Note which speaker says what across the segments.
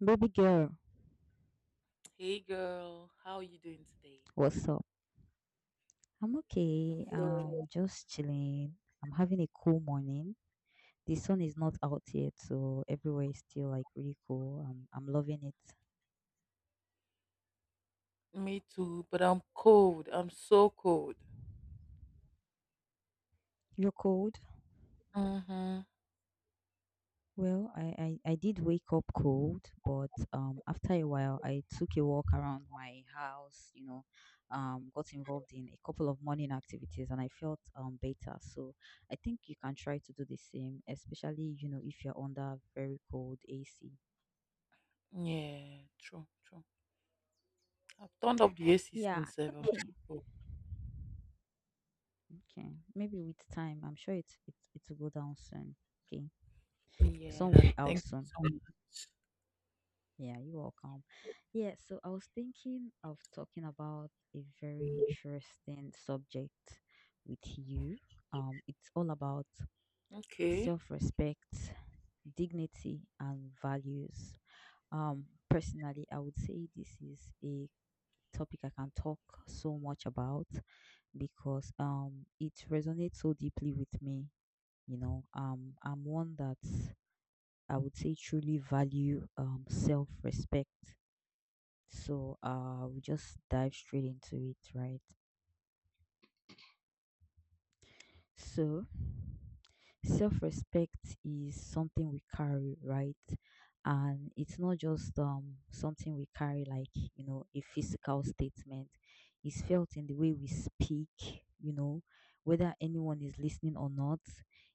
Speaker 1: Baby girl,
Speaker 2: Hey girl, how are you doing today?
Speaker 1: what's up? I'm
Speaker 2: I'm
Speaker 1: okay.
Speaker 2: good.
Speaker 1: Just chilling. I'm having a cool morning. The sun is not out yet, so everywhere is still like really cool. I'm loving it.
Speaker 2: Me too, but I'm cold. I'm so cold.
Speaker 1: You're cold?
Speaker 2: Mm-hmm.
Speaker 1: Well, I did wake up cold, but after a while I took a walk around my house, you know, got involved in a couple of morning activities and I felt better. So I think you can try to do the same, especially, you know, if you're under very cold AC.
Speaker 2: Yeah, true, true. I've turned up the AC
Speaker 1: Yeah,
Speaker 2: since 7. I'm
Speaker 1: okay.
Speaker 2: so cold.
Speaker 1: Okay. Maybe with time, I'm sure it will go down soon. Okay.
Speaker 2: Yeah,
Speaker 1: Some will be
Speaker 2: thank
Speaker 1: out
Speaker 2: you
Speaker 1: soon.
Speaker 2: so much.
Speaker 1: Yeah, you're welcome. Yeah, so I was thinking of talking about a very interesting subject with you. It's all about
Speaker 2: Okay.
Speaker 1: self-respect, dignity, and values. Personally, I would say this is a topic I can talk so much about because it resonates so deeply with me. You know, I'm one that I would say truly value self-respect. So we just dive straight into it, right? So, self respect is something we carry, right? And it's not just something we carry like, you know, a physical statement. It's felt in the way we speak, you know, whether anyone is listening or not.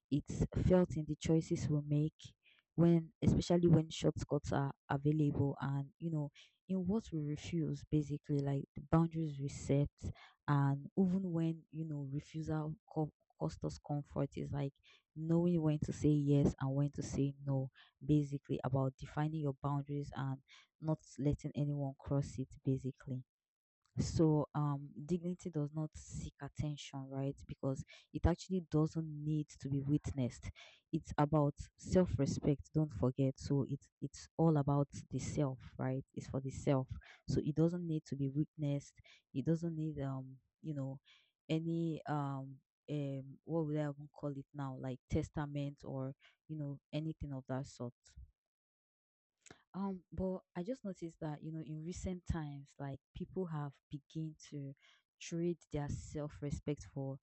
Speaker 1: It's felt in the choices we make when, especially when shortcuts are available, and, you know, in what we refuse, basically like the boundaries we set and even when, you know, cost us comfort, is like knowing when to say yes and when to say no, basically about defining your boundaries and not letting anyone cross it basically. So dignity does not seek attention, right? Because it actually doesn't need to be witnessed. It's about self-respect, don't forget. So it's all about the self, right? It's for the self. So it doesn't need to be witnessed. It doesn't need you know, any what would I even call it now? Like testament or, you know, anything of that sort. But I just noticed that, you know, in recent times, like people have begun to trade their self-respect for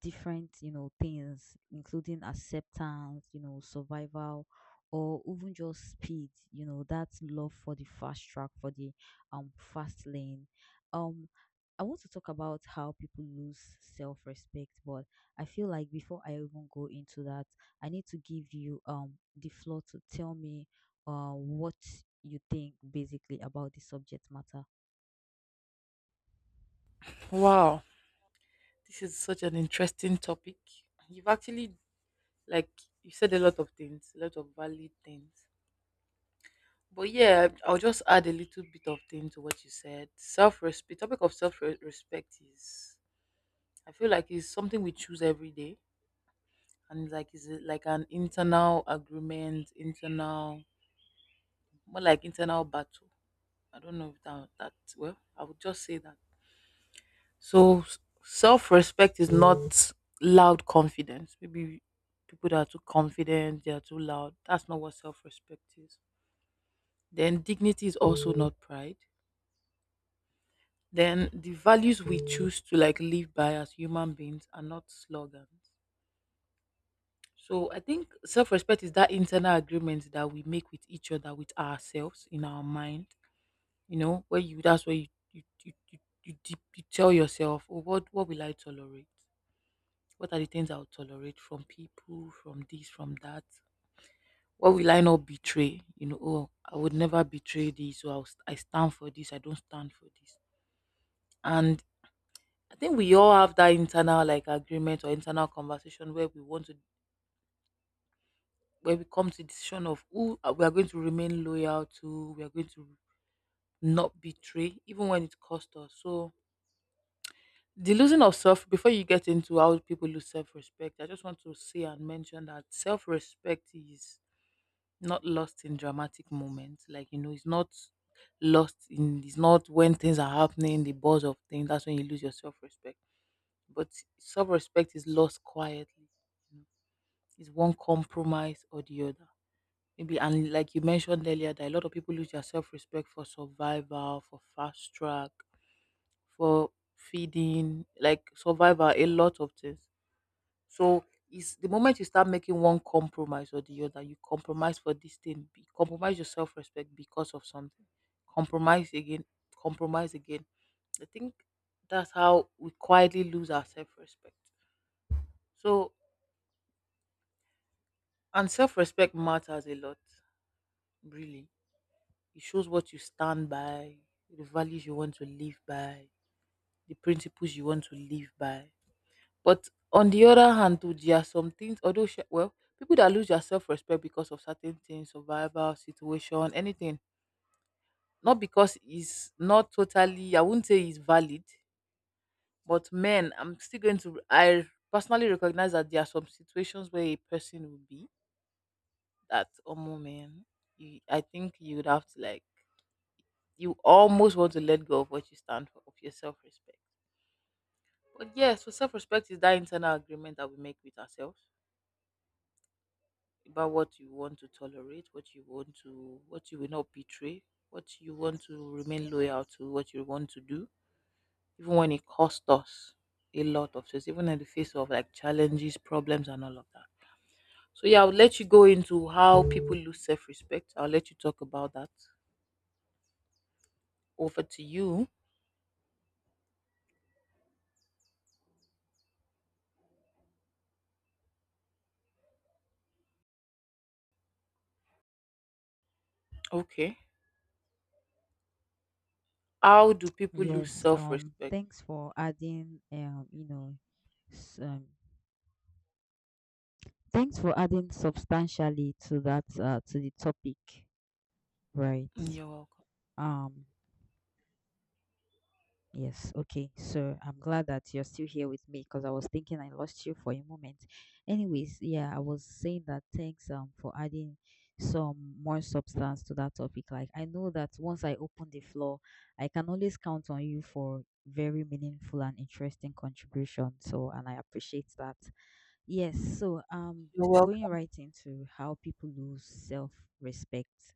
Speaker 1: different, you know, things, including acceptance, you know, survival, or even just speed, you know, that love for the fast track, for the fast lane. Um, I want to talk about how people lose self-respect, but I feel like before I even go into that, I need to give you the floor to tell me what you think basically about the subject matter.
Speaker 2: Wow, this is such an interesting topic. You've actually like you said a lot of things, a lot of valid things. But yeah, I'll just add a little bit of thing to what you said. Self respect. Topic of self respect is, I feel like it's something we choose every day, and like is it like an internal agreement, internal, more like internal battle. I don't know if that well, I would just say that. So self-respect is not loud confidence maybe. People that are too confident, they are too loud, that's not what self-respect is. Then dignity is also not pride. Then the values we choose to like live by as human beings are not slogans. So I think self-respect is that internal agreement that we make with each other, with ourselves in our mind. You know, where you that's where you tell yourself, oh, what will I tolerate? What are the things I'll tolerate from people, from this, from that? What will I not betray? You know, oh, I would never betray this. So I stand for this. I don't stand for this. And I think we all have that internal like agreement or internal conversation where we want to where we come to decision of who we are going to remain loyal to, we are going to not betray, even when it costs us. So the losing of self, before you get into how people lose self-respect, I just want to say and mention that self-respect is not lost in dramatic moments. Like you know, it's not lost in it's not when things are happening, the buzz of things, that's when you lose your self-respect. But self-respect is lost quietly, you know. It's one compromise or the other. Maybe, and like you mentioned earlier, that a lot of people lose their self respect for survival, for fast track, for feeding, like survival, a lot of things. So it's the moment you start making one compromise or the other, you compromise for this thing, compromise your self respect because of something. Compromise again, compromise again. I think that's how we quietly lose our self respect. So, and self respect matters a lot, really. It shows what you stand by, the values you want to live by, the principles you want to live by. But on the other hand, too, there are some things, although, well, people that lose their self respect because of certain things, survival, situation, anything, not because it's not totally, I wouldn't say it's valid, but men, I'm still going to, I personally recognize that there are some situations where a person would be that, oh, man, you, I think you would have to like, you almost want to let go of what you stand for, of your self respect. But yes, so self respect is that internal agreement that we make with ourselves about what you want to tolerate, what you want to, what you will not betray, what you want to remain loyal to, what you want to do, even when it costs us a lot of things, even in the face of like challenges, problems, and all of that. So yeah, I'll let you go into how people lose self respect. I'll let you talk about that. Over to you. Okay. How do people lose
Speaker 1: Yes,
Speaker 2: self respect?
Speaker 1: thanks for adding, you know, s- um, thanks for adding substantially to that, to the topic, right?
Speaker 2: You're welcome.
Speaker 1: Um, Yes, okay. So I'm glad that you're still here with me because I was thinking I lost you for a moment. Anyways, yeah, I was saying that thanks for adding some more substance to that topic. Like I know that once I open the floor, I can always count on you for very meaningful and interesting contribution. So and I appreciate that. Yes, so
Speaker 2: You're
Speaker 1: going
Speaker 2: welcome.
Speaker 1: right into how people lose self-respect.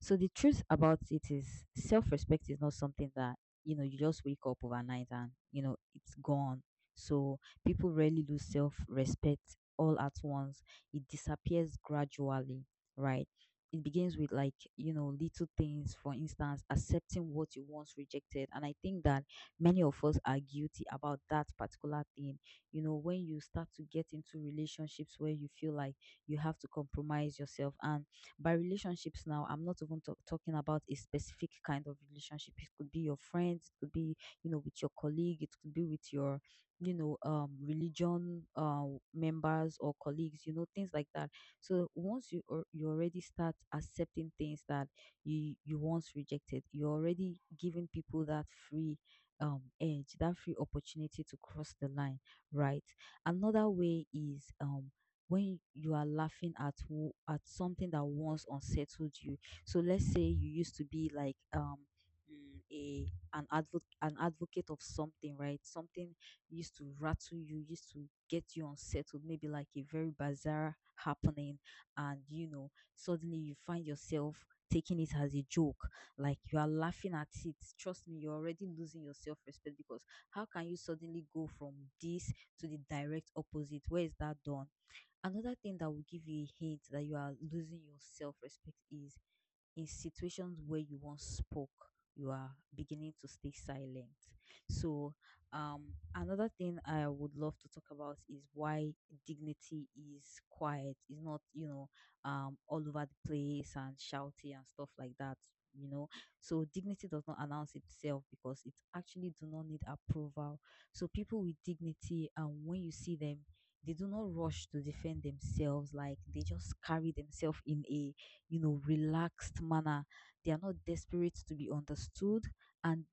Speaker 1: So the truth about it is self-respect is not something that, you know, you just wake up overnight and, you know, it's gone. So people rarely lose self-respect all at once. It disappears gradually, right? It begins with like, you know, little things, for instance, accepting what you once rejected. And I think that many of us are guilty about that particular thing. You know, when you start to get into relationships where you feel like you have to compromise yourself, and by relationships now I'm not even talking about a specific kind of relationship, it could be your friends, it could be, you know, with your colleague, it could be with your, you know, religion members or colleagues, you know, things like that. So once you, or you already start accepting things that you once rejected, you're already giving people that free edge, that free opportunity to cross the line, right? Another way is when you are laughing at at something that once unsettled you. So let's say you used to be like a an advocate of something, right? Something used to rattle you, used to get you unsettled, maybe like a very bizarre happening, and, you know, suddenly you find yourself taking it as a joke, like you are laughing at it. Trust me, you're already losing your self-respect, because how can you suddenly go from this to the direct opposite? Where is that done? Another thing that will give you a hint that you are losing your self respect is in situations where you once spoke, you are beginning to stay silent. So, another thing I would love to talk about is why dignity is quiet, is not, you know, all over the place and shouty and stuff like that, you know. So, dignity does not announce itself because it actually do not need approval. So, people with dignity, and when you see them, they do not rush to defend themselves, like they just carry themselves in a, you know, relaxed manner. They are not desperate to be understood, and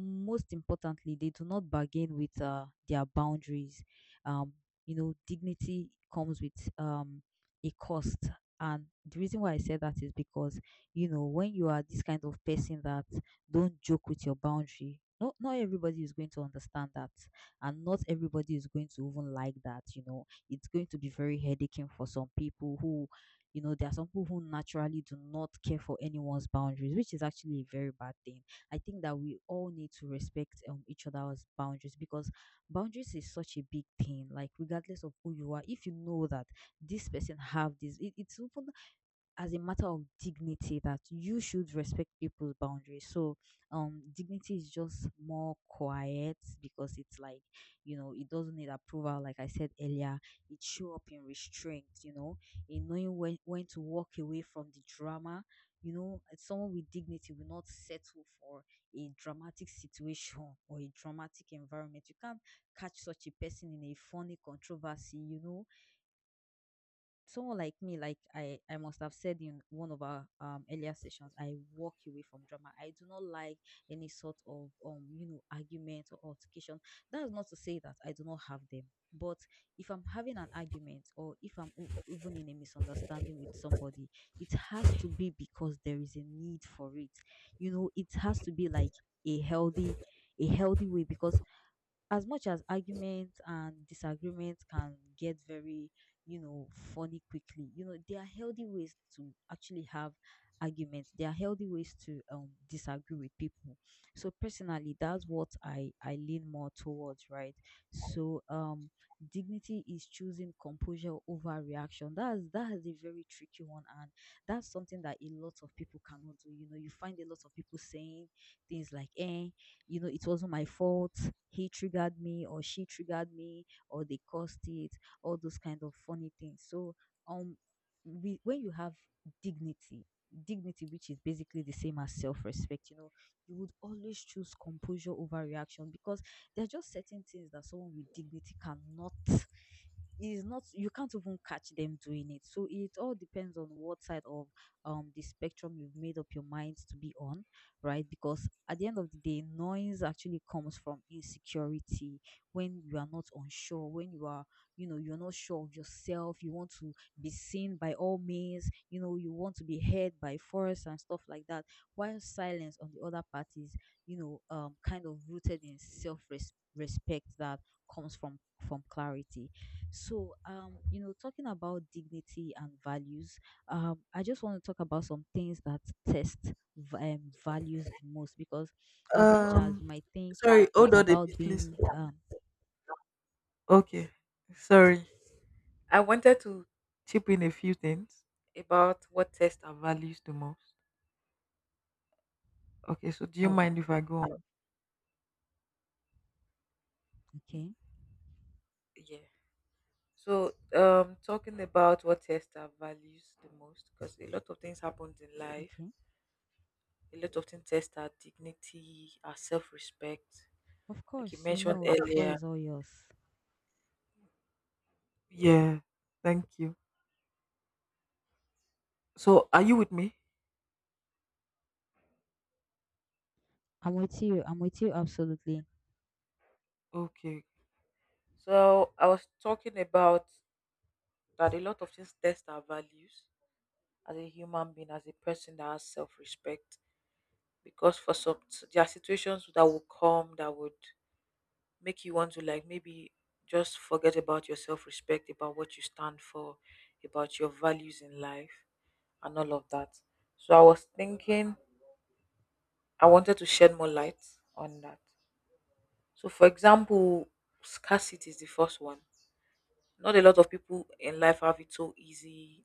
Speaker 1: most importantly, they do not bargain with their boundaries. Um, you know, dignity comes with a cost. And the reason why I said that is because, you know, when you are this kind of person that don't joke with your boundary, no, not everybody is going to understand that. And not everybody is going to even like that. You know, it's going to be very headaching for some people who, you know, there are some people who naturally do not care for anyone's boundaries, which is actually a very bad thing. I think that we all need to respect each other's boundaries because boundaries is such a big thing. Like regardless of who you are, if you know that this person have this, it's even as a matter of dignity that you should respect people's boundaries. So, dignity is just more quiet because it's like, you know, it doesn't need approval. Like I said earlier, it show up in restraint, you know, in knowing when to walk away from the drama. You know, and someone with dignity will not settle for a dramatic situation or a dramatic environment. You can't catch such a person in a funny controversy, you know, someone like me, like I must have said in one of our earlier sessions, I walk away from drama. I do not like any sort of you know, argument or altercation. That is not to say that I do not have them. But if I'm having an argument, or if I'm even in a misunderstanding with somebody, it has to be because there is a need for it. You know, it has to be like a healthy, a healthy way, because as much as arguments and disagreements can get very, you know, funny quickly, you know, there are healthy ways to actually have arguments. There are healthy ways to disagree with people. So personally, that's what I lean more towards, right? So dignity is choosing composure over reaction. That is a very tricky one, and that's something that a lot of people cannot do. You know, you find a lot of people saying things like, eh, you know, it wasn't my fault, he triggered me or she triggered me or they caused it, all those kind of funny things. So um we, when you have dignity, dignity which is basically the same as self-respect, you know, you would always choose composure over reaction, because there are just certain things that someone with dignity cannot. It is not, you can't even catch them doing it. So it all depends on what side of the spectrum you've made up your mind to be on, right? Because at the end of the day, noise actually comes from insecurity. When you are not unsure, when you are, you know, you're not sure of yourself, you want to be seen by all means, you know, you want to be heard by force and stuff like that. While silence on the other part is, kind of rooted in self respect that comes from clarity. So talking about dignity and values, I just want to talk about some things that test values the most because as much as
Speaker 2: Um,
Speaker 1: you might think
Speaker 2: sorry, hold
Speaker 1: it's
Speaker 2: on a
Speaker 1: about
Speaker 2: bit, please.
Speaker 1: being
Speaker 2: Okay, sorry. I wanted to chip in a few things about what tests and values the most. Okay, so do you
Speaker 1: oh, uh,
Speaker 2: mind if I go on?
Speaker 1: okay.
Speaker 2: Yeah. So, talking about what tests our values the most, because a lot of things happens in life.
Speaker 1: Okay,
Speaker 2: A lot of things test our dignity, our self-respect,
Speaker 1: of
Speaker 2: like you
Speaker 1: course, you
Speaker 2: mentioned
Speaker 1: know, the floor
Speaker 2: earlier.
Speaker 1: is all yours.
Speaker 2: Yeah. Thank you. So, are you with me?
Speaker 1: I'm with you, I'm with you, absolutely.
Speaker 2: Okay. So, I was talking about that a lot of things test our values as a human being, as a person that has self respect. Because for some, there are situations that will come that would make you want to, like, maybe just forget about your self respect, about what you stand for, about your values in life, and all of that. So I was thinking, I wanted to shed more light on that. So, for example, scarcity is the first one. Not a lot of people in life have it so easy.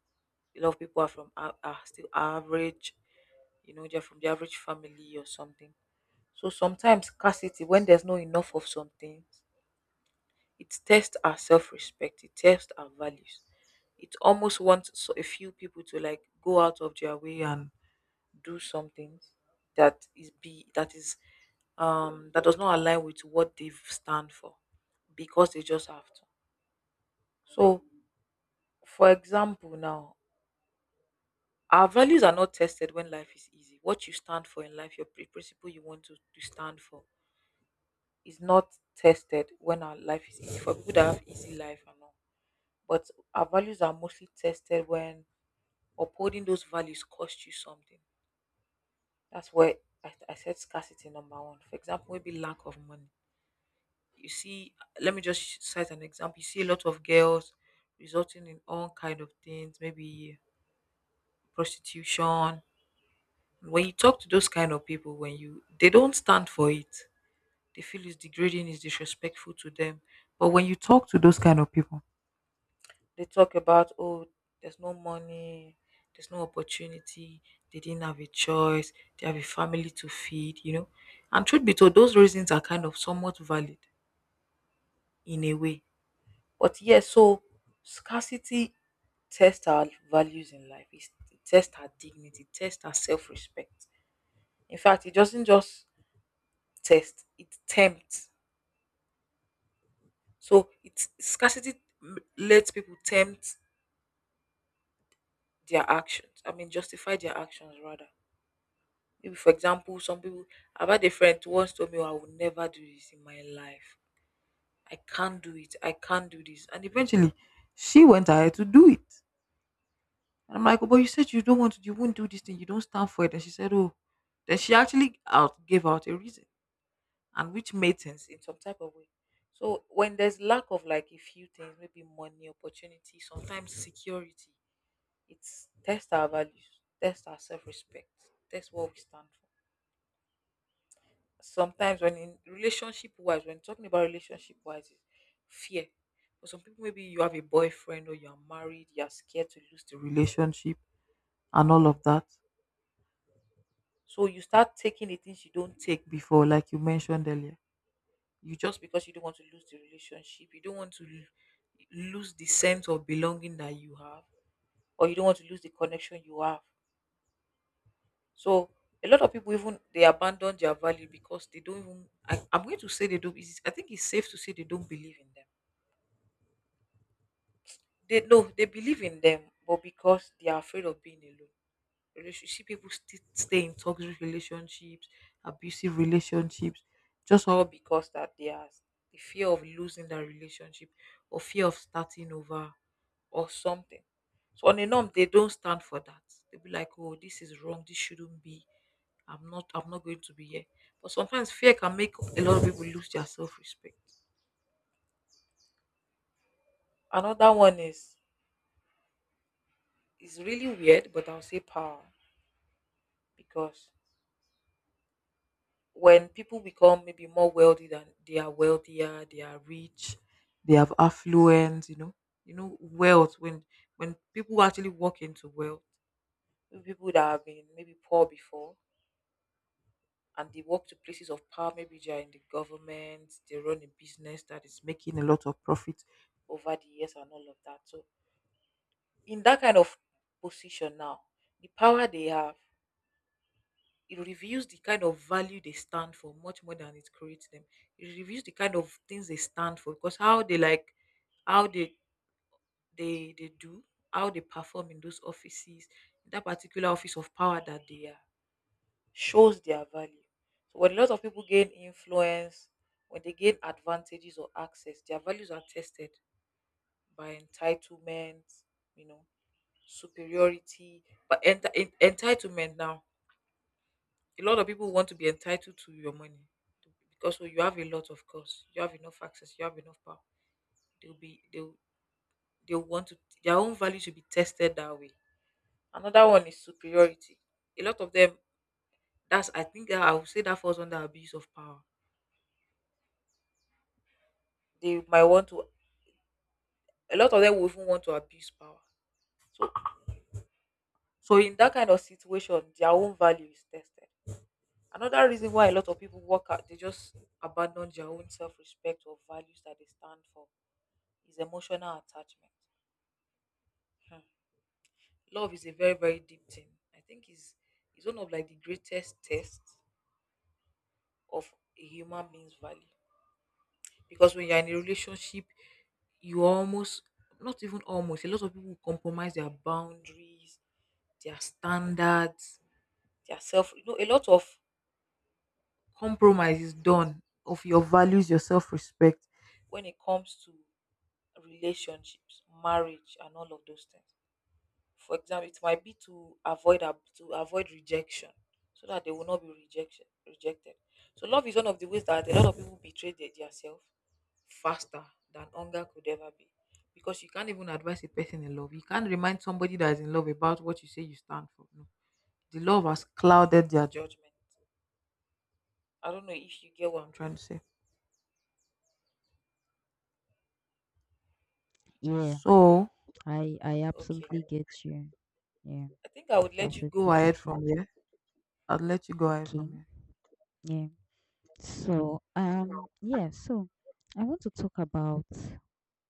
Speaker 2: A lot of people are still average. You know, they're from the average family or something. So sometimes scarcity, when there's not enough of something, it tests our self-respect. It tests our values. It almost wants so a few people to like go out of their way and do something that is be that is that does not align with what they stand for because they just have to. So, for example, now, our values are not tested when life is easy. What you stand for in life, your principle you want to stand for, is not tested when our life is easy. For people that have easy life and all, but our values are mostly tested when upholding those values cost you something. That's where I said scarcity number one. For example, maybe lack of money. You see, let me just cite an example. You see a lot of girls resulting in all kind of things, maybe prostitution, when you talk to those kind of people, when you, they don't stand for it, they feel it's degrading, it's disrespectful to them. But when you talk to those kind of people, they talk about, oh, there's no money, there's no opportunity, they didn't have a choice, they have a family to feed, you know. And truth be told, those reasons are kind of somewhat valid in a way. But yes, so scarcity tests our values in life. It tests our dignity, it tests our self-respect. In fact, it doesn't just test, it tempts. So it's scarcity lets people tempt their actions, I mean, justify their actions rather. Maybe, for example, some people, I've had a friend who once told me, "Oh, I will never do this in my life. I can't do it, I can't do this." And eventually she went ahead to do it. And I'm like, "Oh, but you said you don't want to, you won't do this thing, you don't stand for it." And she said, oh, then she actually out gave out a reason, and which made sense in some type of way. So when there's lack of like a few things, maybe money, opportunity, sometimes security, it's test our values, test our self-respect, test what we stand for. Sometimes when in relationship wise, when talking about relationship wise, it's fear. For some people, maybe you have a boyfriend or you're married, you're scared to lose the relationship and all of that. So you start taking the things you don't take before, like you mentioned earlier, you just because you don't want to lose the relationship, you don't want to lose the sense of belonging that you have, or you don't want to lose the connection you have. So a lot of people even they abandon their value because they don't even, I'm going to say they don't, I think it's safe to say they don't believe in them. They no they believe in them, but because they are afraid of being alone. See, people stay in toxic relationships, abusive relationships, just all because that they are the fear of losing that relationship, or fear of starting over, or something. So on a norm, they don't stand for that. They'll be like, oh, this is wrong, this shouldn't be. I'm not going to be here. But sometimes fear can make a lot of people lose their self respect. Another one is really weird, but I'll say power. Because when people become maybe more wealthy, than they are wealthier, they are rich, they have affluence, you know, wealth, when people actually walk into wealth, people that have been maybe poor before, and they walk to places of power, maybe they are in the government, they run a business that is making a lot of profit over the years and all of that. So in that kind of position now, the power they have, it reveals the kind of value they stand for much more than it creates them. It reveals the kind of things they stand for because how they like, how they they do, how they perform in those offices, in that particular office of power that they are, shows their value. So when a lot of people gain influence, when they gain advantages or access, their values are tested by entitlement, you know, superiority, but entitlement now a lot of people want to be entitled to your money, because when you have a lot, of course you have enough access, you have enough power. They'll they'll want to, their own value should be tested that way. Another one is superiority. A lot of them, that's, I would say that falls under abuse of power. They might want to, a lot of them will even want to abuse power. So in that kind of situation their own value is tested. Another reason why a lot of people walk out, they just abandon their own self-respect or values that they stand for, is emotional attachment. Hmm. Love is a very, very deep thing. I think is one of like the greatest tests of a human being's value, because when you're in a relationship you almost, not even almost, a lot of people compromise their boundaries, their standards, their self. A lot of compromise is done of your values, your self-respect, when it comes to relationships, marriage and all of those things. For example, it might be to avoid to avoid rejection, so that they will not be rejection rejected. So love is one of the ways that a lot of people betray their self faster than hunger could ever be, because you can't even advise a person in love. You can't remind somebody that is in love about what you say you stand for. No, the love has clouded their judgment. I don't know if you get what I'm trying to say.
Speaker 1: Yeah,
Speaker 2: So
Speaker 1: I
Speaker 2: okay,
Speaker 1: absolutely get you. Yeah,
Speaker 2: I think I would let you go
Speaker 1: absolutely get
Speaker 2: ahead
Speaker 1: you.
Speaker 2: from here. I will let you go ahead
Speaker 1: Okay.
Speaker 2: from here.
Speaker 1: Yeah, so I want to talk about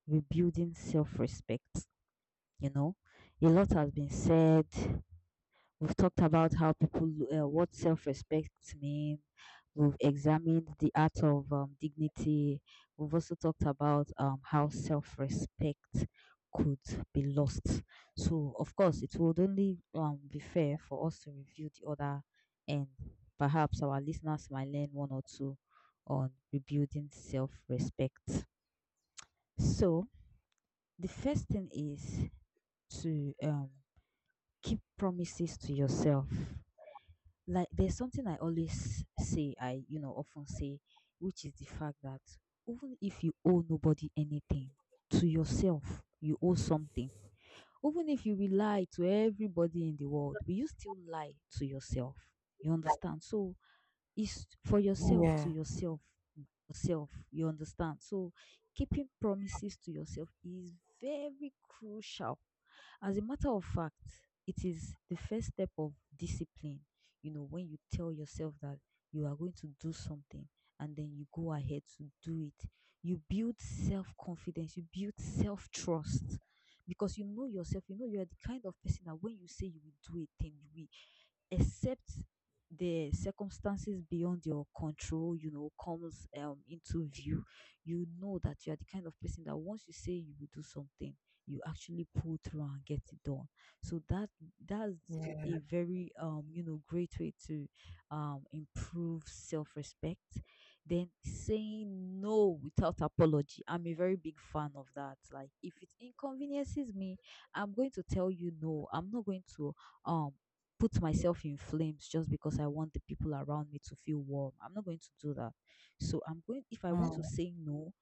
Speaker 1: rebuilding self-respect. You know, a lot has been said. We've talked about how people, what self respect means. We've examined the art of dignity. We've also talked about how self respect could be lost. So, of course, it would only be fair for us to review the other, and perhaps our listeners might learn one or two on rebuilding self respect. So, the first thing is to keep promises to yourself. Like, there's something I always say, I often say, which is the fact that even if you owe nobody anything, to yourself you owe something. Even if you rely to everybody in the world, will you still lie to yourself? You understand? So is for yourself, to
Speaker 2: Yeah.
Speaker 1: yourself, by yourself. You understand? So keeping promises to yourself is very crucial. As a matter of fact, it is the first step of discipline. You know, when you tell yourself that you are going to do something and then you go ahead to do it, you build self confidence, you build self trust, because you know yourself, you know you are the kind of person that when you say you will do a thing, you will, except the circumstances beyond your control, you know, comes into view. You know that you are the kind of person that once you say you will do something, you actually pull through and get it done. So that's a
Speaker 2: Yeah.
Speaker 1: very you know great way to improve self-respect. Then, saying no without apology. I'm a very big fan of that. Like, if it inconveniences me, I'm going to tell you no. I'm not going to um put myself in flames just because I want the people around me to feel warm. I'm not going to do that. So I'm going, if I want to
Speaker 2: Mm.
Speaker 1: say no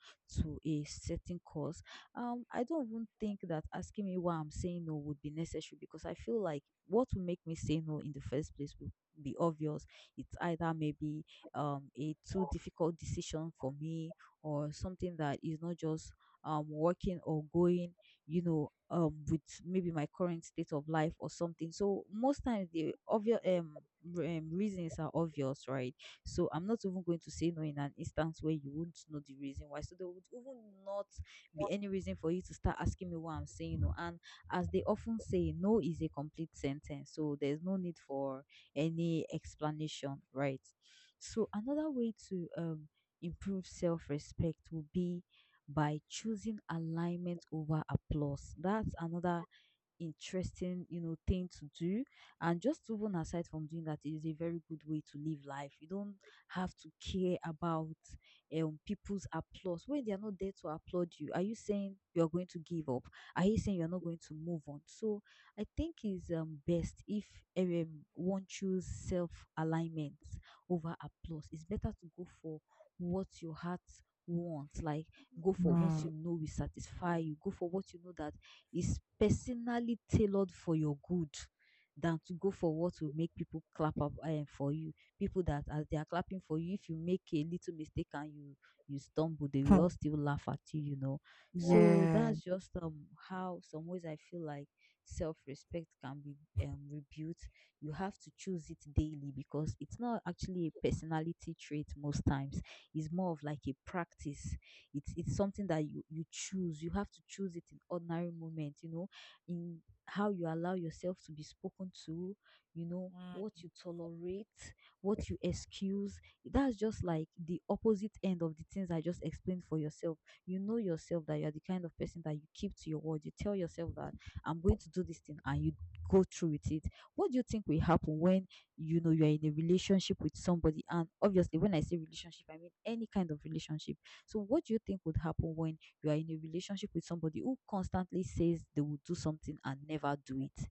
Speaker 1: to a certain cause, I don't even think that asking me why I'm saying no would be necessary, because I feel like what will make me say no in the first place will be obvious. It's either maybe a too difficult decision for me, or something that is not just working or going, you know, with maybe my current state of life or something. So most times the obvious reasons are obvious, right? So I'm not even going to say no in an instance where you wouldn't know the reason why. So there would even not be any reason for you to start asking me why I'm saying no. And as they often say, no is a complete sentence. So there's no need for any explanation, right? So another way to improve self-respect would be by choosing alignment over applause. That's another interesting, you know, thing to do. And just even aside from doing that, it is a very good way to live life. You don't have to care about people's applause. When they are not there to applaud you, are you saying you are going to give up? Are you saying you're not going to move on? So I think it's best if one choose self alignment over applause. It's better to go for what your heart wants, like, go for what
Speaker 2: Mm.
Speaker 1: you know will satisfy you, go for what you know that is personally tailored for your good, than to go for what will make people clap up for you. People that, as they are clapping for you, if you make a little mistake and you stumble, they will all still laugh at you, you know.
Speaker 2: Work.
Speaker 1: So
Speaker 2: Yeah.
Speaker 1: that's just how some ways I feel like self-respect can be rebuilt. You have to choose it daily because it's not actually a personality trait most times. It's more of like a practice. It's something that you choose. You have to choose it in ordinary moments, you know, in how you allow yourself to be spoken to, you know,
Speaker 2: Mm.
Speaker 1: what you tolerate, what you excuse. That's just like the opposite end of the things I just explained for yourself. You know yourself that you're the kind of person that you keep to your word. You tell yourself that I'm going to do this thing and you go through with it. What do you think will happen when you know you're in a relationship with somebody? And obviously, when I say relationship, I mean any kind of relationship. So, what do you think would happen when you are in a relationship with somebody who constantly says they will do something and never do it?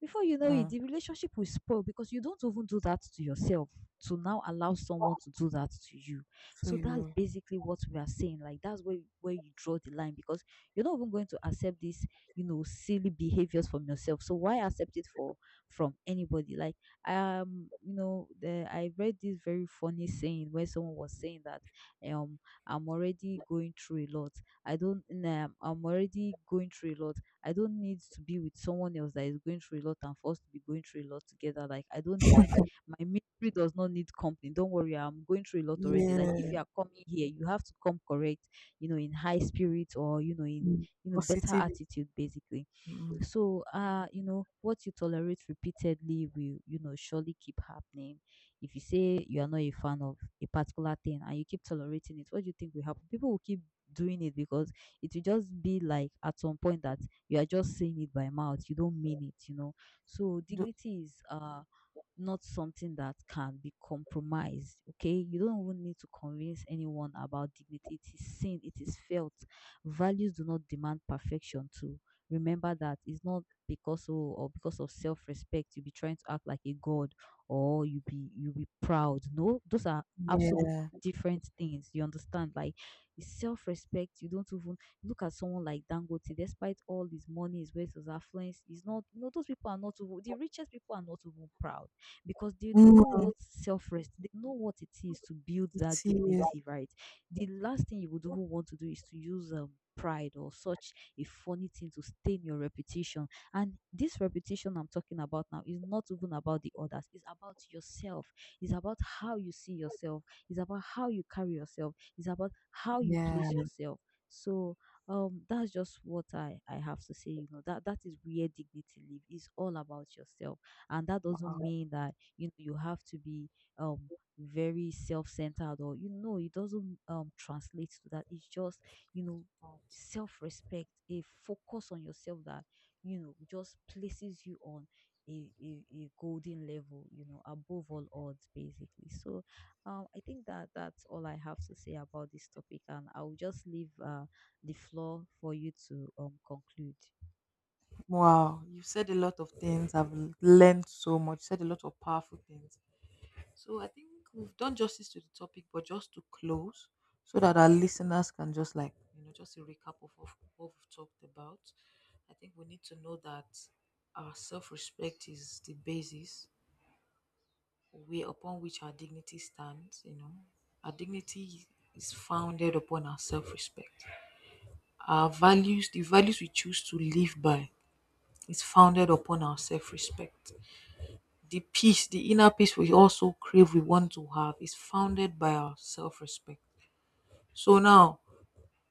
Speaker 1: Before you know it,
Speaker 2: Mm.
Speaker 1: the relationship will spoil, because you don't even do that to yourself to now allow someone to do that to you.
Speaker 2: So
Speaker 1: So that's
Speaker 2: you.
Speaker 1: basically what we are saying. Like, that's where you draw the line, because you're not even going to accept this, you know, silly behaviors from yourself. So why accept it for from anybody? Like, you know, I read this very funny saying where someone was saying that um I'm already going through a lot. I don't I'm already going through a lot. I don't need to be with someone else that is going through a lot and for us to be going through a lot together. Like, I don't need, my ministry does not need company. Don't worry, I'm going through a lot already. Like, if
Speaker 2: Yeah.
Speaker 1: you are coming here, you have to come correct, you know, in high spirit, or you know, in
Speaker 2: Mm.
Speaker 1: you know, better
Speaker 2: Positivity.
Speaker 1: attitude basically.
Speaker 2: Mm.
Speaker 1: So, you know, what you tolerate repeatedly will, you know, surely keep happening. If you say you are not a fan of a particular thing and you keep tolerating it, what do you think will happen? People will keep doing it, because it will just be like at some point that you are just saying it by mouth, you don't mean it, you know. So
Speaker 2: Do
Speaker 1: dignity is not something that can be compromised. Okay, you don't even need to convince anyone about dignity. It is seen, it is felt. Values do not demand perfection. To remember that it's not because of self-respect you be trying to act like a god, or you be proud. No, those are absolute
Speaker 2: yeah.
Speaker 1: different things. You understand? Like, self-respect, you don't even, look at someone like Dangote, despite all his money, his wealth, his affluence, he's not, you know, those people are not even, the richest people are not even proud, because they
Speaker 2: Mm,
Speaker 1: know what self rest, they know what it is to build
Speaker 2: it
Speaker 1: that
Speaker 2: is.
Speaker 1: dignity, right? The last thing you would even want to do is to use pride or such a funny thing to stain your reputation. And this reputation I'm talking about now is not even about the others, it's about yourself, it's about how you see yourself, it's about how you carry yourself, it's about how you
Speaker 2: Yeah.
Speaker 1: place yourself. So that's just what I have to say, you know, that is where dignity live. It's all about yourself. And that
Speaker 2: Wow.
Speaker 1: doesn't mean that you know you have to be um very self-centered, or you know it doesn't translate to that. It's just, you know, self-respect, a focus on yourself that, you know, just places you on a golden level, you know, above all odds basically. So I think that that's all I have to say about this topic, and I'll just leave the floor for you to conclude.
Speaker 2: Wow. You've said a lot of things. I've learned so much. Said a lot of powerful things. So I think we've done justice to the topic, but just to close, so that our listeners can just like, just a recap of what we've talked about. I think we need to know that our self respect is the basis way upon which our dignity stands, you know. Our dignity is founded upon our self respect. Our values, the values we choose to live by, is founded upon our self respect. The peace, the inner peace we also crave, we want to have, is founded by our self respect. So now,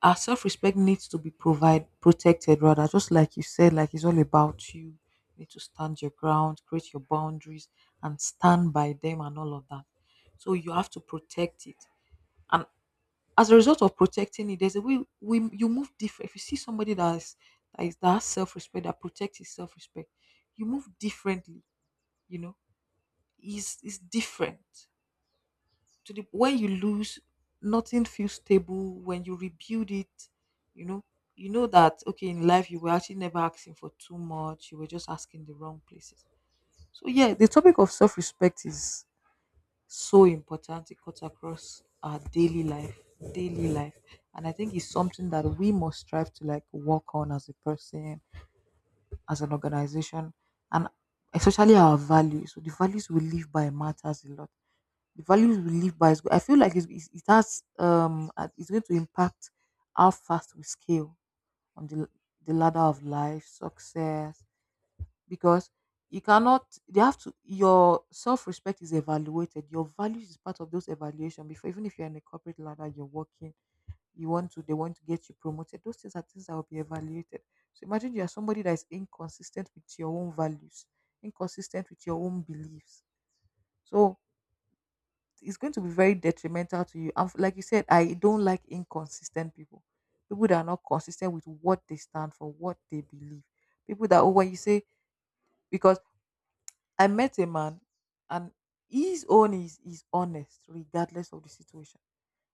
Speaker 2: our self-respect needs to be provide protected rather, just like you said, like it's all about you. You need to stand your ground, create your boundaries and stand by them and all of that. So you have to protect it. And as a result of protecting it, there's a way we, you move different. If you see somebody that is, that has self-respect, that protects his self-respect, you move differently, you know. Is different to the, when you lose, nothing feels stable. When you rebuild it, you know, you know that okay, in life you were actually never asking for too much, you were just asking the wrong places. So yeah, the topic of self-respect is so important. It cuts across our daily life. And I think it's something that we must strive to like work on as a person, as an organization, and especially our values. So the values we live by matters a lot. The values we live by is good. I feel like it's, it has it's going to impact how fast we scale on the ladder of life, success, because you cannot, you have to, your self-respect is evaluated, your values is part of those evaluation. Before, even if you're in a corporate ladder, you're working, you want to, they want to get you promoted, those things are things that will be evaluated. So imagine you are somebody that is inconsistent with your own values, inconsistent with your own beliefs. So it's going to be very detrimental to you. And like you said, I don't like inconsistent people. People that are not consistent with what they stand for, what they believe. People that, oh, when you say, because I met a man, and his own is honest regardless of the situation.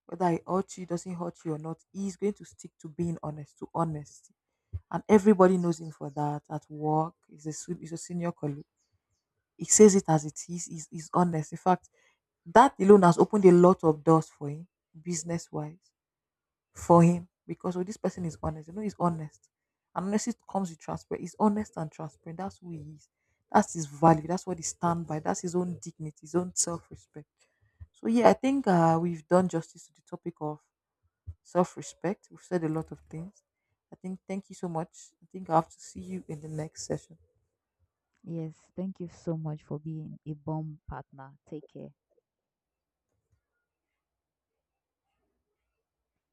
Speaker 2: Whether he hurt you, doesn't hurt you or not, he's going to stick to being honest, to honesty. And everybody knows him for that at work. He's a, he's a senior colleague. He says it as it is, he's honest. In fact, that alone has opened a lot of doors for him, business wise, for him. Because oh, this person is honest. You know, he's honest. And honesty comes with transparent, he's honest and transparent. That's who he is. That's his value. That's what he stands by. That's his own dignity, his own self respect. So yeah, I think we've done justice to the topic of self-respect. We've said a lot of things. I think thank you so much. I think I have to see you in the next session.
Speaker 1: Yes, thank you so much for being a bomb partner. Take care.